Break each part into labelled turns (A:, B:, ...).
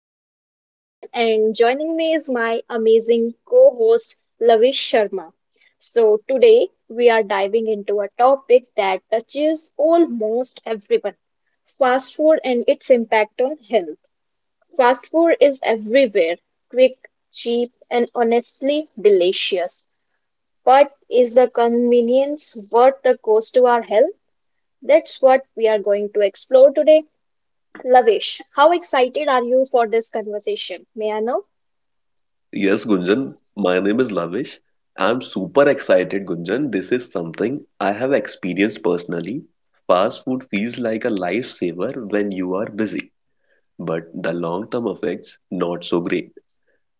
A: host, Gunjan, and joining me is my amazing co host, Lavish Sharma. So, today we are diving into a topic that touches almost everyone fast food and its impact on health. Fast food is everywhere quick, cheap, and honestly delicious. But is the convenience worth the cost to our health? That's what we are going to explore today. Lavesh, how excited are you for this conversation? May I know?
B: Yes, Gunjan, my name is Lavish. I'm super excited, Gunjan. This is something I have experienced personally. Fast food feels like a lifesaver when you are busy, but the long-term effects not so great.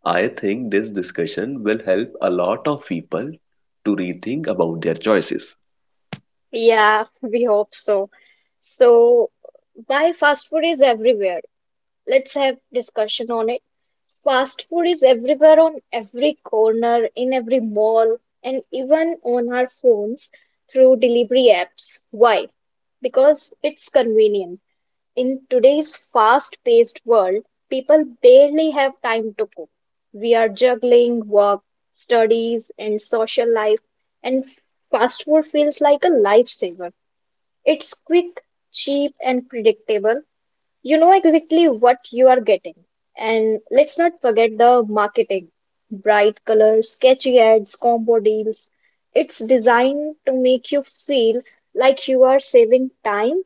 B: I think this discussion will help a lot of people to rethink about their choices.
A: Yeah, we hope so. So, why fast food is everywhere? Let's have discussion on it. Fast food is everywhere on every corner, in every mall, and even on our phones through delivery apps. Why? Because it's convenient. In today's fast-paced world, people barely have time to cook. We are juggling work, studies, and social life, and fast food feels like a lifesaver. It's quick, cheap, and predictable. You know exactly what you are getting. And let's not forget the marketing. Bright colors, sketchy ads, combo deals. It's designed to make you feel like you are saving time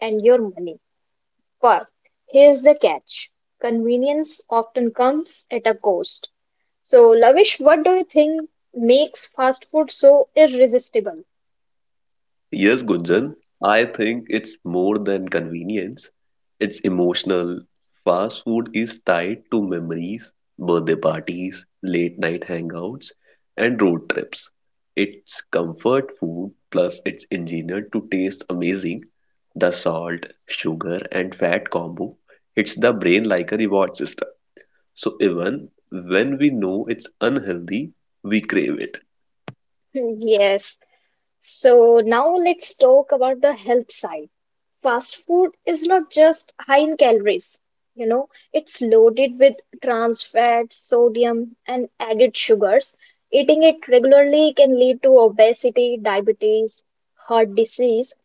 A: and your money. But here's the catch convenience often comes at a cost. So, Lavish, what do you think makes fast food so irresistible?
B: Yes, Gunjan, I think it's more than convenience. It's emotional. Fast food is tied to memories, birthday parties, late night hangouts, and road trips. It's comfort food, plus it's engineered to taste amazing. The salt, sugar, and fat combo hits the brain like a reward system. So even when we know it's unhealthy, we crave it.
A: Yes. So, now let's talk about the health side. Fast food is not just high in calories, you know, it's loaded with trans fats, sodium, and added sugars. Eating it regularly can lead to obesity, diabetes, heart disease,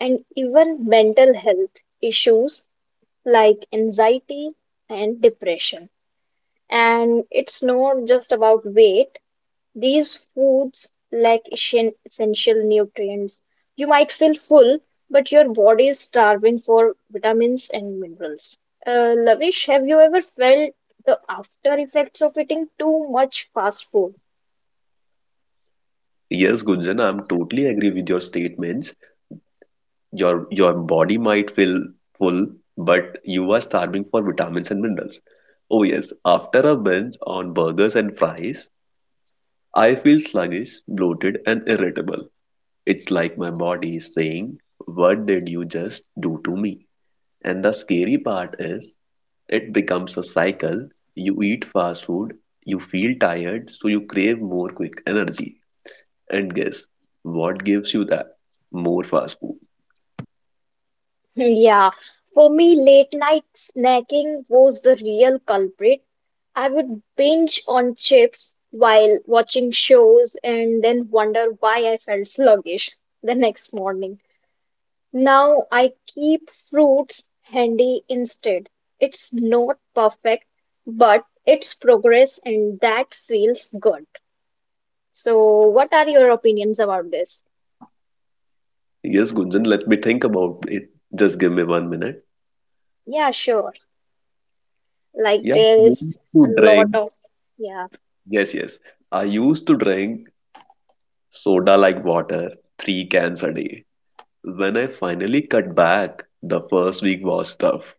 A: and even mental health issues like anxiety and depression. And it's not just about weight, these foods lack essential nutrients. You might feel full, but your body is starving for vitamins and minerals. Lavish, have you ever felt the after effects of eating too much fast food?
B: Yes, Gunjan, I'm totally agree with your statements. Your body might feel full, but you are starving for vitamins and minerals. Oh yes, after a binge on burgers and fries, I feel sluggish, bloated, and irritable. It's like my body is saying, "What did you just do to me?" And the scary part is, it becomes a cycle. You eat fast food, you feel tired, so you crave more quick energy. And guess what gives you that? More fast food.
A: Yeah, for me, late night snacking was the real culprit. I would binge on chips while watching shows and then wonder why I felt sluggish the next morning. Now I keep fruits handy instead. It's not perfect, but it's progress and that feels good. So, what are your opinions about this?
B: Yes, Gunjan, let me think about it. Just give me 1 minute.
A: Yeah, sure. Like,
B: Yeah, I
A: there
B: used
A: is a
B: to drink.
A: lot of, yeah.
B: Yes, yes. I used to drink soda like water, three cans a day. When I finally cut back, the first week was tough,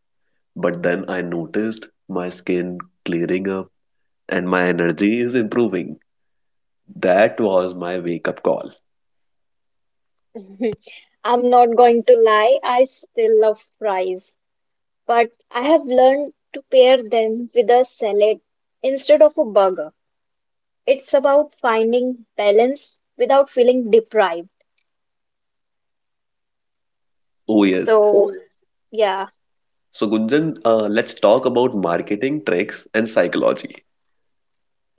B: but then I noticed my skin clearing up and my energy is improving. That was my wake-up call.
A: I'm not going to lie, I still love fries, but I have learned to pair them with a salad instead of a burger. It's about finding balance without feeling deprived.
B: Oh, yes.
A: So, yeah,
B: So, Gunjan, let's talk about marketing tricks and psychology.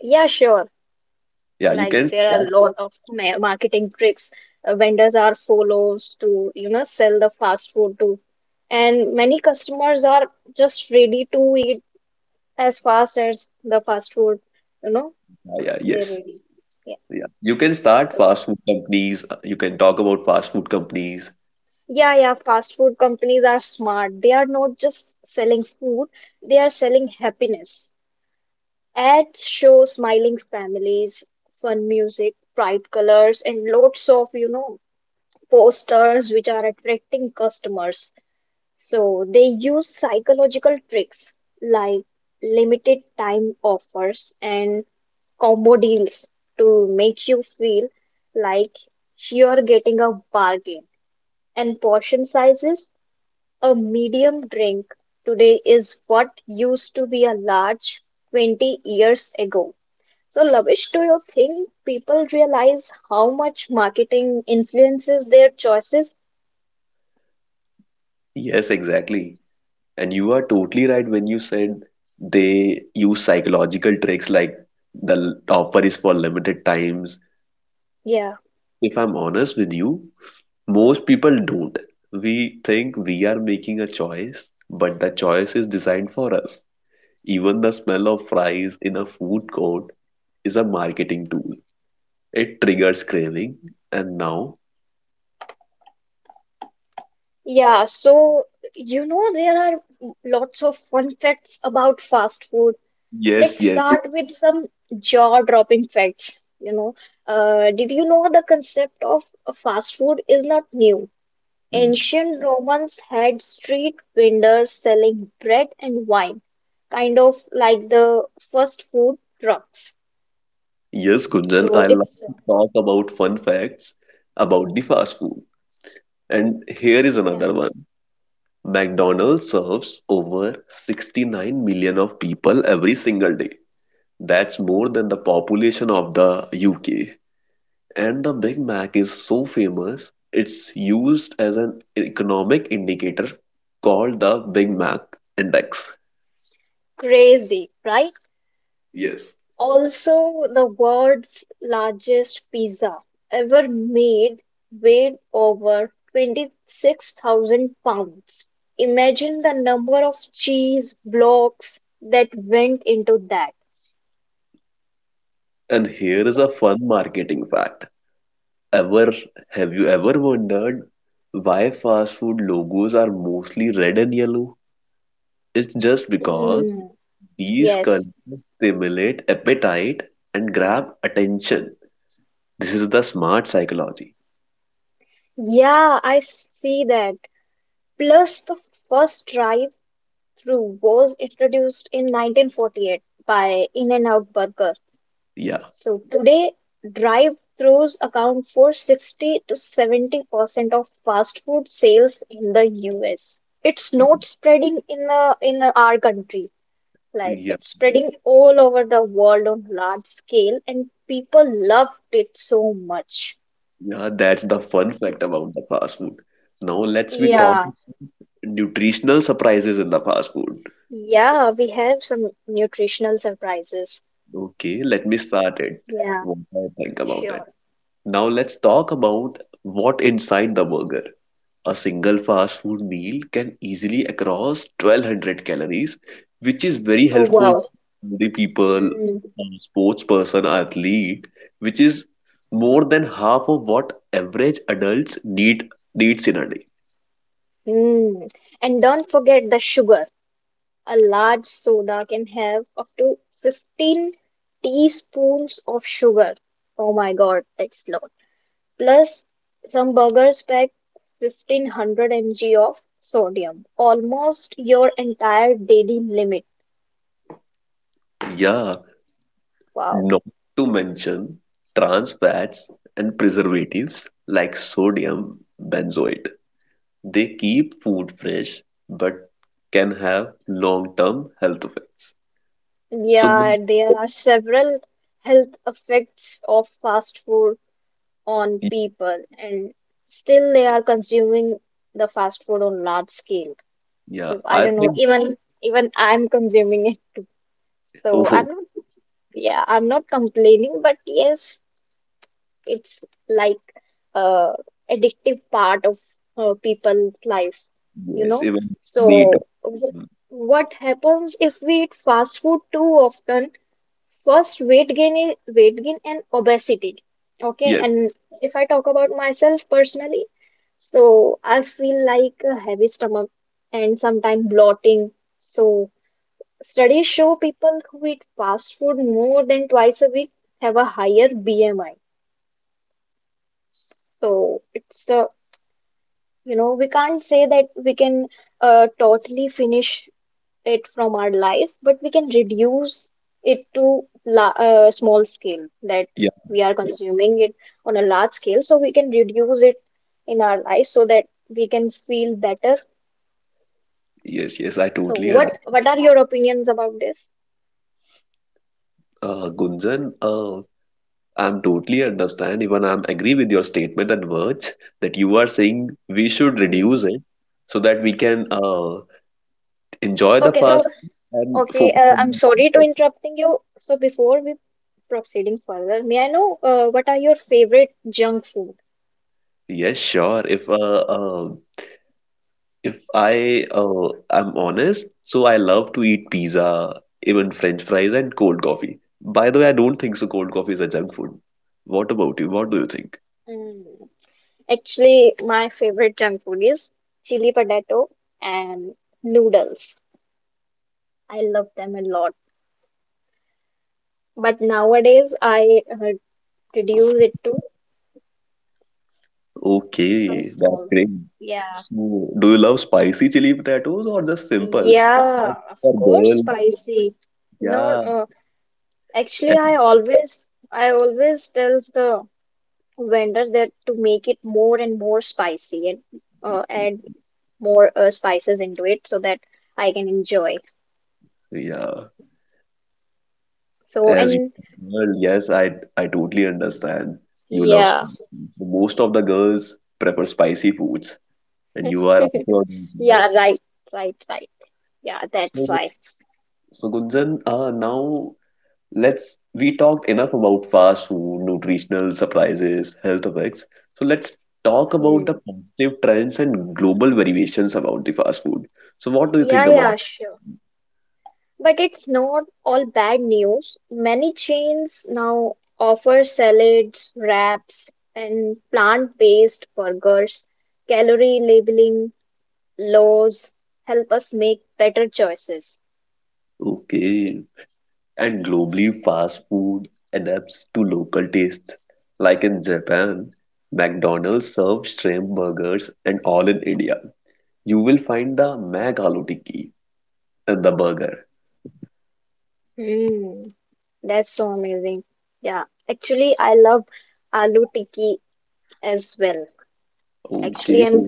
A: yeah, sure.
B: Yeah, you
A: Like
B: can
A: there are
B: start.
A: a lot of ma marketing tricks vendors are follows to, you know, sell the fast food to. And many customers are just ready to eat as fast as the fast food you know
B: Yeah, yeah,
A: They're
B: yes.
A: ready. Yeah.
B: Yeah. You can start
A: So,
B: fast food companies. You can talk about fast food companies.
A: yeah, fast food companies are smart. They are not just selling food, they are selling happiness. Ads show smiling families, fun music, bright colors, and lots of, you know, posters which are attracting customers. So, they use psychological tricks like limited time offers and combo deals to make you feel like you're getting a bargain. And portion sizes, a medium drink today is what used to be a large 20 years ago. So, Lavish, do you think people realize how much marketing influences their choices?
B: Yes, exactly. And you are totally right when you said they use psychological tricks like the offer is for limited times.
A: Yeah.
B: If I'm honest with you, most people don't. We think we are making a choice, but the choice is designed for us. Even the smell of fries in a food court is a marketing tool. It triggers craving. And now,
A: Yeah, so you know there are lots of fun facts about fast food.
B: yes,
A: Let's
B: yes.
A: start with some jaw-dropping facts. You know, did you know the concept of fast food is not new?
B: Hmm.
A: Ancient Romans had street vendors selling bread and wine, kind of like the fast food trucks.
B: Yes, Kunjan,
A: So
B: I love
A: it's
B: to talk about fun facts about the fast food. And here is
A: yeah,
B: another one. McDonald's serves over 69 million of people every single day. That's more than the population of the UK. And the Big Mac is so famous, it's used as an economic indicator called the Big Mac Index.
A: crazy, right?
B: Yes.
A: Also, the world's largest pizza ever made weighed over 26,000 pounds. Imagine the number of cheese blocks that went into that.
B: And here is a fun marketing fact. Ever Have you ever wondered why fast food logos are mostly red and yellow? It's just because
A: Mm,
B: these colors
A: yes.
B: stimulate appetite and grab attention. This is the smart psychology.
A: Yeah, I see that. Plus, the first drive-through was introduced in 1948 by In-N-Out Burger.
B: Yeah,
A: So today, drive-throughs account for 60 to 70% of fast food sales in the US. It's not spreading in in our country. Like
B: yeah,
A: it's spreading all over the world on large scale, and people loved it so much.
B: yeah. That's the fun fact about the fast food. Now let's be talk
A: Yeah,
B: nutritional surprises in the fast food.
A: yeah, we have some nutritional surprises.
B: Okay, let me start it.
A: Yeah,
B: What I think about it.
A: sure.
B: Now let's talk about what inside the burger. A single fast food meal can easily across 1200 calories, which is very
A: Oh
B: helpful
A: wow.
B: for the people,
A: Mm,
B: sports person, athlete, which is more than half of what average adults needs in a day.
A: mm. And don't forget the sugar. A large soda can have up to 15 teaspoons of sugar. Oh my god, that's a lot. Plus, some burgers pack 1500 mg of sodium, almost your entire daily limit.
B: Yeah,
A: Wow.
B: not to mention trans fats and preservatives like sodium benzoate. They keep food fresh but can have long-term health effects. So,
A: Yeah,
B: the-
A: there are several health effects of fast food on people and still they are consuming the fast food on large scale,
B: Yeah,
A: so I
B: I
A: don't know
B: think,
A: even I'm consuming it, so
B: oh,
A: I'm not complaining, but yes, it's like a addictive part of people's life, you
B: yes,
A: know.
B: even me too.
A: So
B: Mm,
A: what happens if we eat fast food too often? First, weight gain and obesity. Okay,
B: yes,
A: and if I talk about myself personally, so I feel like a heavy stomach and sometimes bloating. So studies show people who eat fast food more than twice a week have a higher BMI. So it's a, you know, we can't say that we can totally finish it from our life, but we can reduce it to la small scale that
B: yeah,
A: we are consuming it on a large scale. So we can reduce it in our life so that we can feel better.
B: yes, yes, I
A: So
B: totally understand.
A: what are your opinions about this?
B: Gunjan, I'm totally understand. Even I'm agree with your statement and words that you are saying we should reduce it so that we can enjoy the
A: Okay, so
B: fast and
A: okay,
B: focus on
A: I'm
B: the
A: sorry to
B: content.
A: interrupting you. So before we proceeding further, may I know what are your favorite junk food?
B: Yes, sure. If I am honest, so I love to eat pizza, even French fries and cold coffee. By the way, I don't think so. Cold coffee is a junk food. What about you? What do you think?
A: Mm. Actually, my favorite junk food is chili potato and noodles. I love them a lot. But nowadays, I reduce it to some
B: Okay, that's
A: salt.
B: great.
A: Yeah.
B: So, do you love spicy chili potatoes or just simple? As
A: Yeah,
B: you
A: of
B: are
A: course,
B: girl,
A: spicy. No,
B: yeah,
A: actually,
B: a-
A: I always tells the vendors that to make it more and more spicy and add more spices into it so that I can enjoy.
B: yeah.
A: So,
B: As you
A: and
B: are girl, yes, I totally understand. You love
A: yeah,
B: spicy. Most of the girls prefer spicy foods, and you are also. Yes.
A: yeah, right, right, right. Yeah, that's
B: So,
A: why.
B: So, Gunjan, now let's we talked enough about fast food, nutritional surprises, health effects. So let's talk about the
A: Hmm.
B: positive trends and global variations about the fast food. So what do you
A: Yeah,
B: think about?
A: yeah, sure. But it's not all bad news. Many chains now offer salads, wraps, and plant-based burgers. Calorie labeling laws help us make better choices.
B: Okay, and globally, fast food adapts to local tastes. Like in Japan, McDonald's serves shrimp burgers, and all in India, you will find the Mac Aloo Tikki and the burger.
A: Hmm, that's so amazing. Yeah, actually, I love aloo tikki as well. Actually,
B: Okay,
A: I'm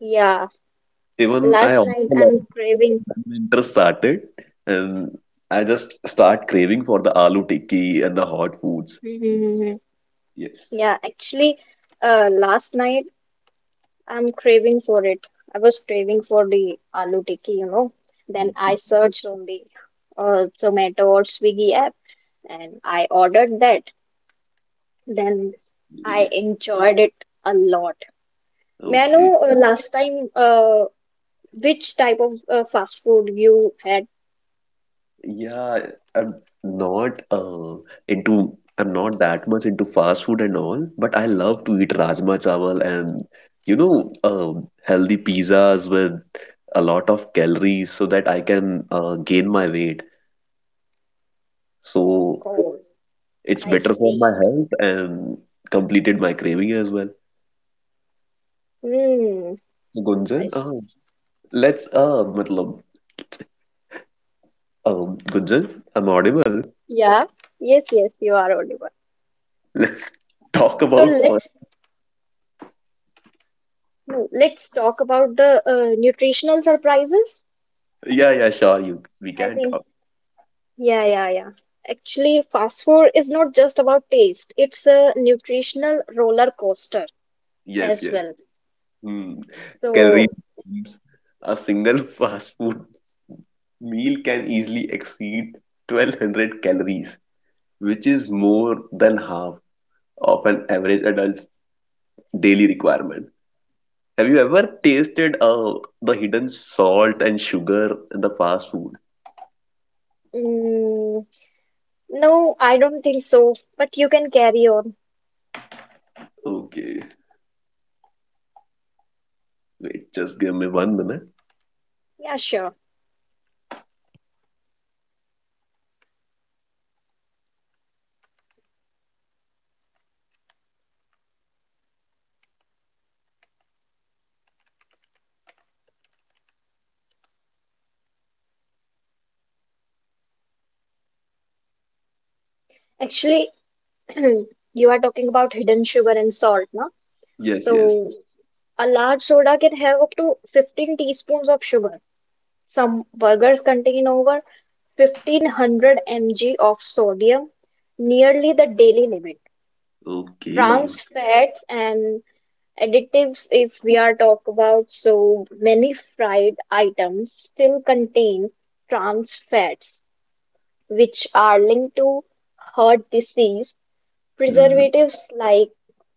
A: yeah,
B: even I
A: last
B: also
A: night
B: love.
A: I'm craving.
B: Winter started and I just start craving for the aloo tikki and the hot foods.
A: Mhm, mhm, mhm.
B: Yes.
A: Yeah, actually, last night I'm craving for it. I was craving for the aloo tikki, you know. Then I
B: Okay.
A: searched on the Zomato or Swiggy app and I ordered that. Then I enjoyed it a lot. May I
B: Okay.
A: know last time which type of fast food you had?
B: Yeah, I'm not uh, I'm not that much into fast food and all, but I love to eat rajma chawal and healthy pizzas with a lot of calories so that I can gain my weight. So
A: Oh,
B: it's
A: I
B: better for my
A: see.
B: health and completed my craving as well.
A: Hmm,
B: So,
A: I
B: Gunjan,
A: see.
B: Let's uh, matlab, Gunjan, I'm audible.
A: Yeah, yes, yes, you are audible.
B: Let's talk
A: So
B: about fun.
A: let's no, let's talk about the nutritional surprises.
B: Yeah, yeah, sure. We
A: I
B: can
A: think
B: talk.
A: Yeah, yeah, yeah. Actually, fast food is not just about taste, it's a nutritional roller coaster
B: Yes,
A: as
B: yes.
A: well.
B: Hmm. Calorie
A: So,
B: bombs. A single fast food meal can easily exceed 1200 calories, which is more than half of an average adult's daily requirement. Have you ever tasted the hidden salt and sugar in the fast food?
A: mm, no, I don't think so, but you can carry on.
B: Okay, wait, just give me 1 minute.
A: Yeah, sure. Actually, you are talking about hidden sugar and salt, no?
B: Yes, yes.
A: So, a large soda can have up to 15 teaspoons of sugar. Some burgers contain over 1500 mg of sodium, nearly the daily limit.
B: Okay.
A: Trans fats and additives, if we are talk about, so many fried items still contain trans fats, which are linked to heart disease.
B: Mm,
A: Preservatives like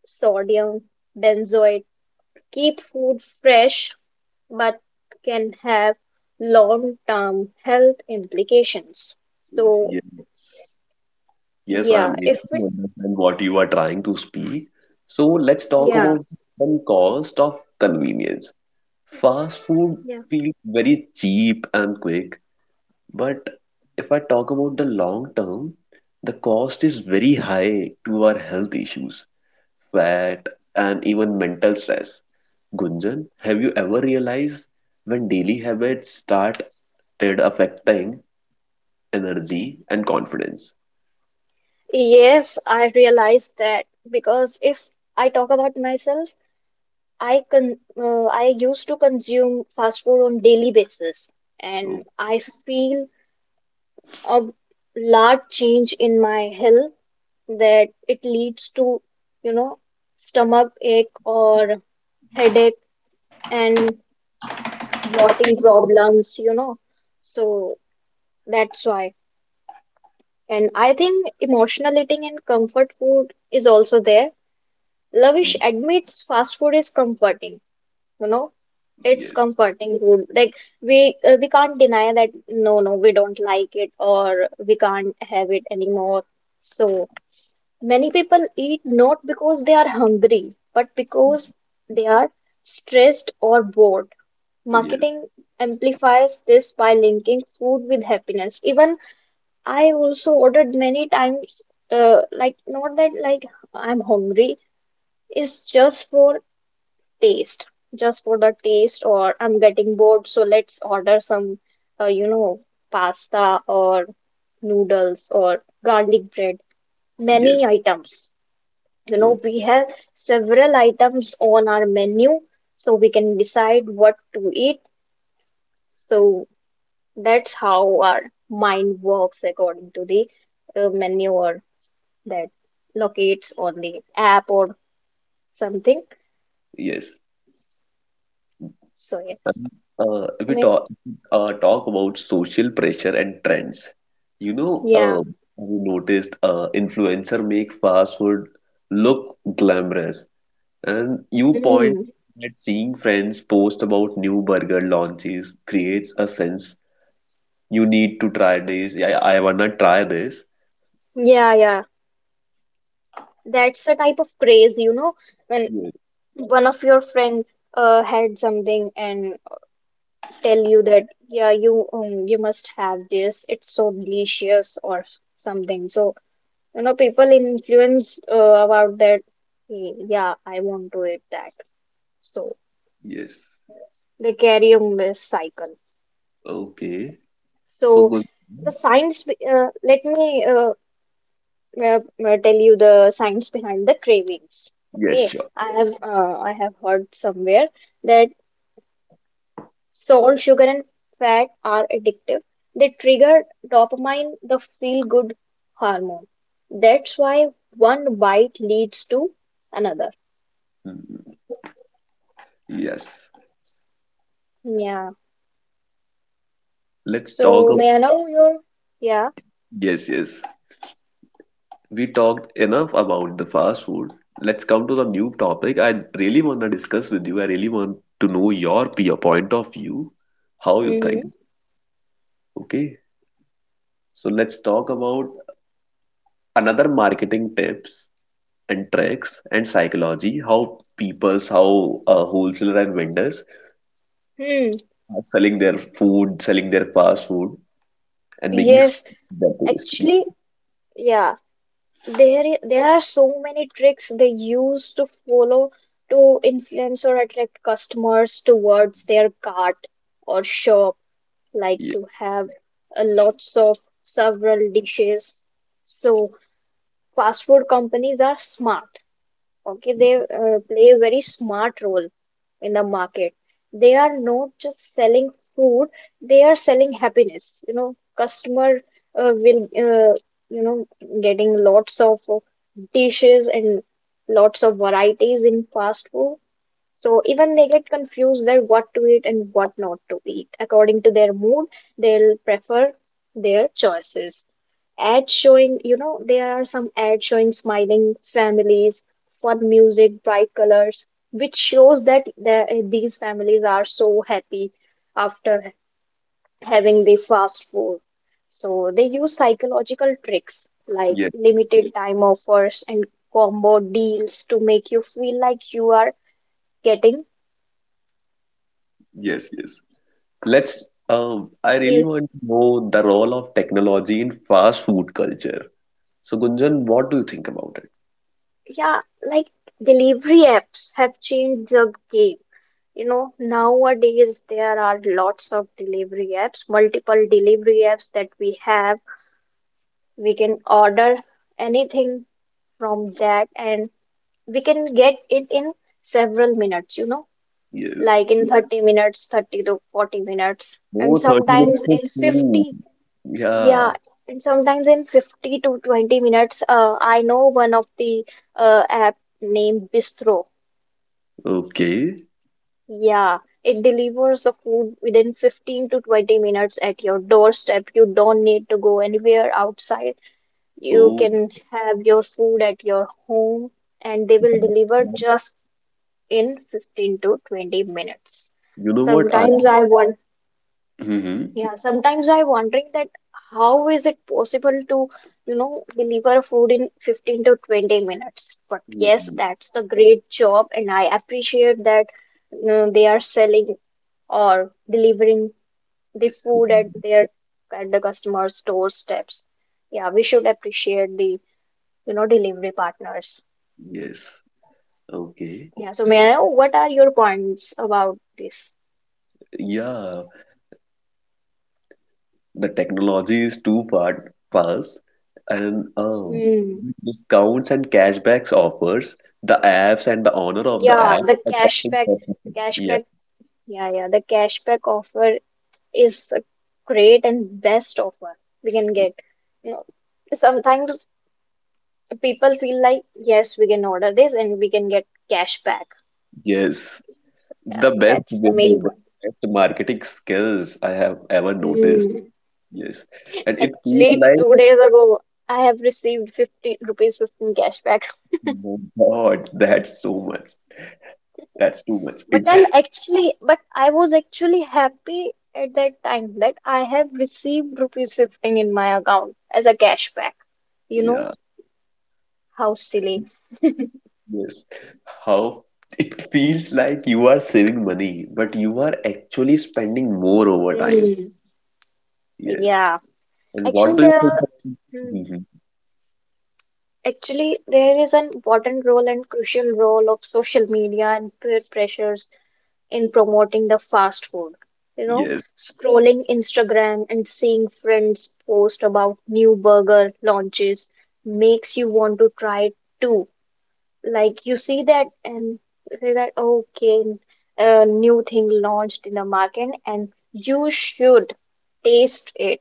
A: sodium benzoate keep food fresh, but can have long term health implications. So
B: ye- Yes,
A: yeah
B: I'm able
A: if it
B: to understand what you are trying to speak. So let's talk
A: yeah
B: about the cost of convenience. Fast food feels very cheap and quick, but if I talk about the long term, the cost is very high to our health issues, fat, and even mental stress. Gunjan, have you ever realized when daily habits started affecting energy and confidence?
A: yes, I realize that, because if I talk about myself, I con I used to consume fast food on daily basis,
B: Oh,
A: and I feel a large change in my health, that it leads to, you know, stomach ache or headache and bloating problems, you know. So that's why. And I think emotional eating and comfort food is also there. Lavish admits fast food is comforting, you know. It's
B: yes,
A: comforting food. Like we can't deny that we don't like it or we can't have it anymore. So many people eat not because they are hungry, but because they are stressed or bored.
B: yes,
A: Marketing amplifies this by linking food with happiness. Even I also ordered many times, like not that like I'm hungry, is just for taste, just for the taste, or I'm getting bored, so let's order some, you know, pasta or noodles or garlic bread.
B: yes,
A: Many items. You know,
B: oh,
A: we have several items on our menu, so we can decide what to eat. So that's how our mind works according to the menu or that locates on the app or something.
B: yes.
A: So yes,
B: Um, if
A: I
B: we
A: mean,
B: talk about social pressure and trends, you know,
A: yeah,
B: uh, we noticed influencer make fast food look glamorous, and you point
A: mm.
B: that seeing friends post about new burger launches creates a sense you need to try this. I wanna try this.
A: Yeah, yeah. That's the type of craze, you know, when
B: Yes,
A: one of your friend had something and tell you that yeah, you you must have this. It's so delicious or something. So, you know, people influence about that. "Hey, yeah, I want to eat that." So
B: yes.
A: they carry a miss cycle.
B: Okay. So
A: So
B: good.
A: the science. Be- let me uh, tell you the science behind the cravings.
B: Yes,
A: Okay,
B: sure.
A: I have heard somewhere that salt, sugar, and fat are addictive. They trigger dopamine, the feel-good hormone. That's why one bite leads to another.
B: Mhm. Yes.
A: Yeah.
B: Let's talk
A: So, may I Yes, know yes. your? Yeah.
B: Yes, yes. We talked enough about the fast food. Let's come to the new topic. I really want to discuss with you. I really want to know your point of view, how you
A: Hmm.
B: think. Okay. So let's talk about another marketing tips and tricks and psychology, how wholesaler and vendors
A: Hmm.
B: are selling their food, selling their fast food, and making
A: Yes.
B: their taste.
A: Actually, yeah. There are so many tricks they use to follow to influence or attract customers towards their cart or shop. Like
B: Yes,
A: to have lots of several dishes. So fast food companies are smart. Okay, they play a very smart role in the market. They are not just selling food; they are selling happiness. You know, customer will you know getting lots of dishes and lots of varieties in fast food, so even they get confused there what to eat and what not to eat. According to their mood, they'll prefer their choices. Ads showing, you know, there are some ads showing smiling families, fun music, bright colors, which shows that these families are so happy after having the fast food. So they use psychological tricks like
B: yes,
A: limited time offers and combo deals to make you feel like you are getting
B: yes, yes. I really
A: the
B: want to know the role of technology in fast food culture. So, Gunjan, what do you think about it?
A: Yeah, like delivery apps have changed the game. You know, nowadays there are lots of delivery apps, multiple delivery apps that we have. We can order anything from that and we can get it in several minutes, you know,
B: Yes.
A: like in 30 minutes, 30 to 40 minutes,
B: Oh,
A: and
B: thirty
A: sometimes
B: minutes of
A: in
B: food.
A: 50.
B: Yeah.
A: Yeah, and sometimes in 50 to 20 minutes. I know one of the app named Bistro.
B: Okay.
A: Yeah, it delivers the food within 15 to 20 minutes at your doorstep. You don't need to go anywhere outside. You
B: Oh,
A: can have your food at your home and they will
B: that-
A: deliver just in 15 to 20 minutes.
B: you know what?
A: Sometimes I. Yeah.
B: Mm-hmm.
A: Yeah, sometimes I'm wondering that how is it possible to, you know, deliver food in 15 to 20 minutes? But yes, that's the great job, and I appreciate that, you know, they are selling or delivering the food at their at the customer's doorsteps. Yeah, we should appreciate the, you know, delivery partners.
B: Yes. Okay.
A: Yeah, so may I know what are your points about this?
B: Yeah. The technology is too far fast and
A: Hmm.
B: discounts and cashbacks offers the apps and the owner of the
A: Yeah,
B: app
A: the
B: attracting
A: cashback, the
B: customers. Yeah,
A: cashback. Yeah, yeah, the cashback offer is the great and best offer we can get. You know, sometimes people feel like, yes, we can order this and we can get cash back.
B: yes, it's
A: Yeah,
B: the best
A: that's
B: way,
A: the main
B: the
A: point.
B: best marketing skills I have ever noticed.
A: Hmm.
B: Yes, and it feels
A: Actually,
B: like,
A: 2 days ago, I have received 15 rupees 15 cash back.
B: oh my God, that's so much. That's too much.
A: But
B: It's
A: I'm actually, but I was actually happy at that time that I have received rupees 15 in my account as a cash back. You know,
B: yeah,
A: how silly.
B: yes. How it feels like you are saving money, but you are actually spending more over time.
A: Hmm.
B: Yes.
A: Yeah.
B: And what
A: Actually,
B: do you
A: there
B: think
A: are.
B: about? Mhm.
A: Actually, there is an important role and crucial role of social media and peer pressures in promoting the fast food. You know,
B: Yes.
A: scrolling Instagram and seeing friends post about new burger launches makes you want to try it too. Like you see that and say that, okay, a new thing launched in the market and you should taste it.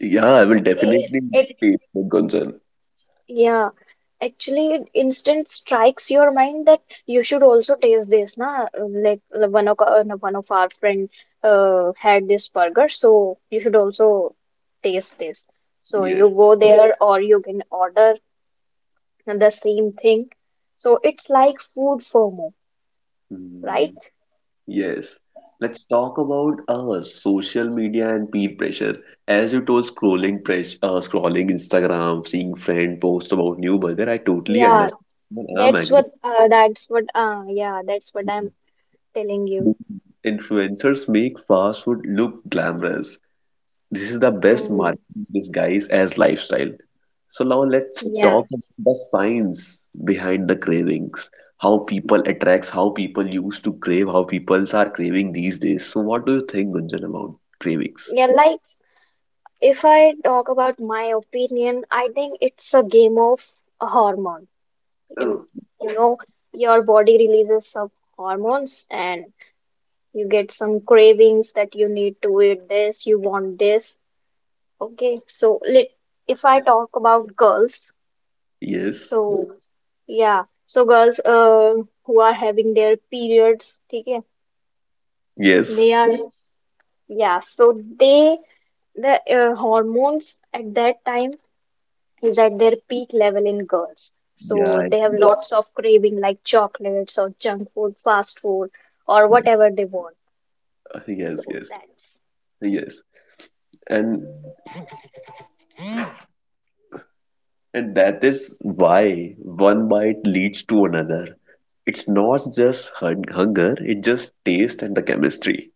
B: Yeah, I will
A: Okay,
B: definitely
A: it.
B: pay for concern.
A: Yeah, actually, it instant strikes your mind that you should also taste this, na? Like one of no, one of our friend had this burger, so you should also taste this. So
B: Yes.
A: you go. Yeah. There. Right. Or you can order the same thing. So it's like food FOMO, right?
B: Mm, Yes. Let's talk about social media and peer pressure. As you told, scrolling Instagram, seeing friend post about new burger, I totally
A: Yeah.
B: understand. And I'm agree.
A: That's what I'm telling you.
B: Influencers make fast food look glamorous. This is the best
A: Hmm.
B: marketing disguise as lifestyle. So now let's
A: Yeah,
B: talk about the science behind the cravings, how people attracts, how people used to crave, how people are craving these days. So what do you think, Gunjan, about cravings?
A: yeah, like. If I talk about my opinion, I think it's a game of a hormone. You,
B: Oh.
A: you know, your body releases some hormones and you get some cravings that you need to eat this, you want this. Okay, so let if I talk about girls,
B: Yes,
A: so girls who are having their periods, okay,
B: yes,
A: they are yeah, so they the hormones at that time is at their peak level in girls. So
B: yeah,
A: they have lots. Yes. Of craving like chocolates or junk food, fast food, or whatever they want. So
B: yes, yes,
A: that's
B: yes. And and that is why one bite leads to another. It's not just hunger, it's just taste and the chemistry.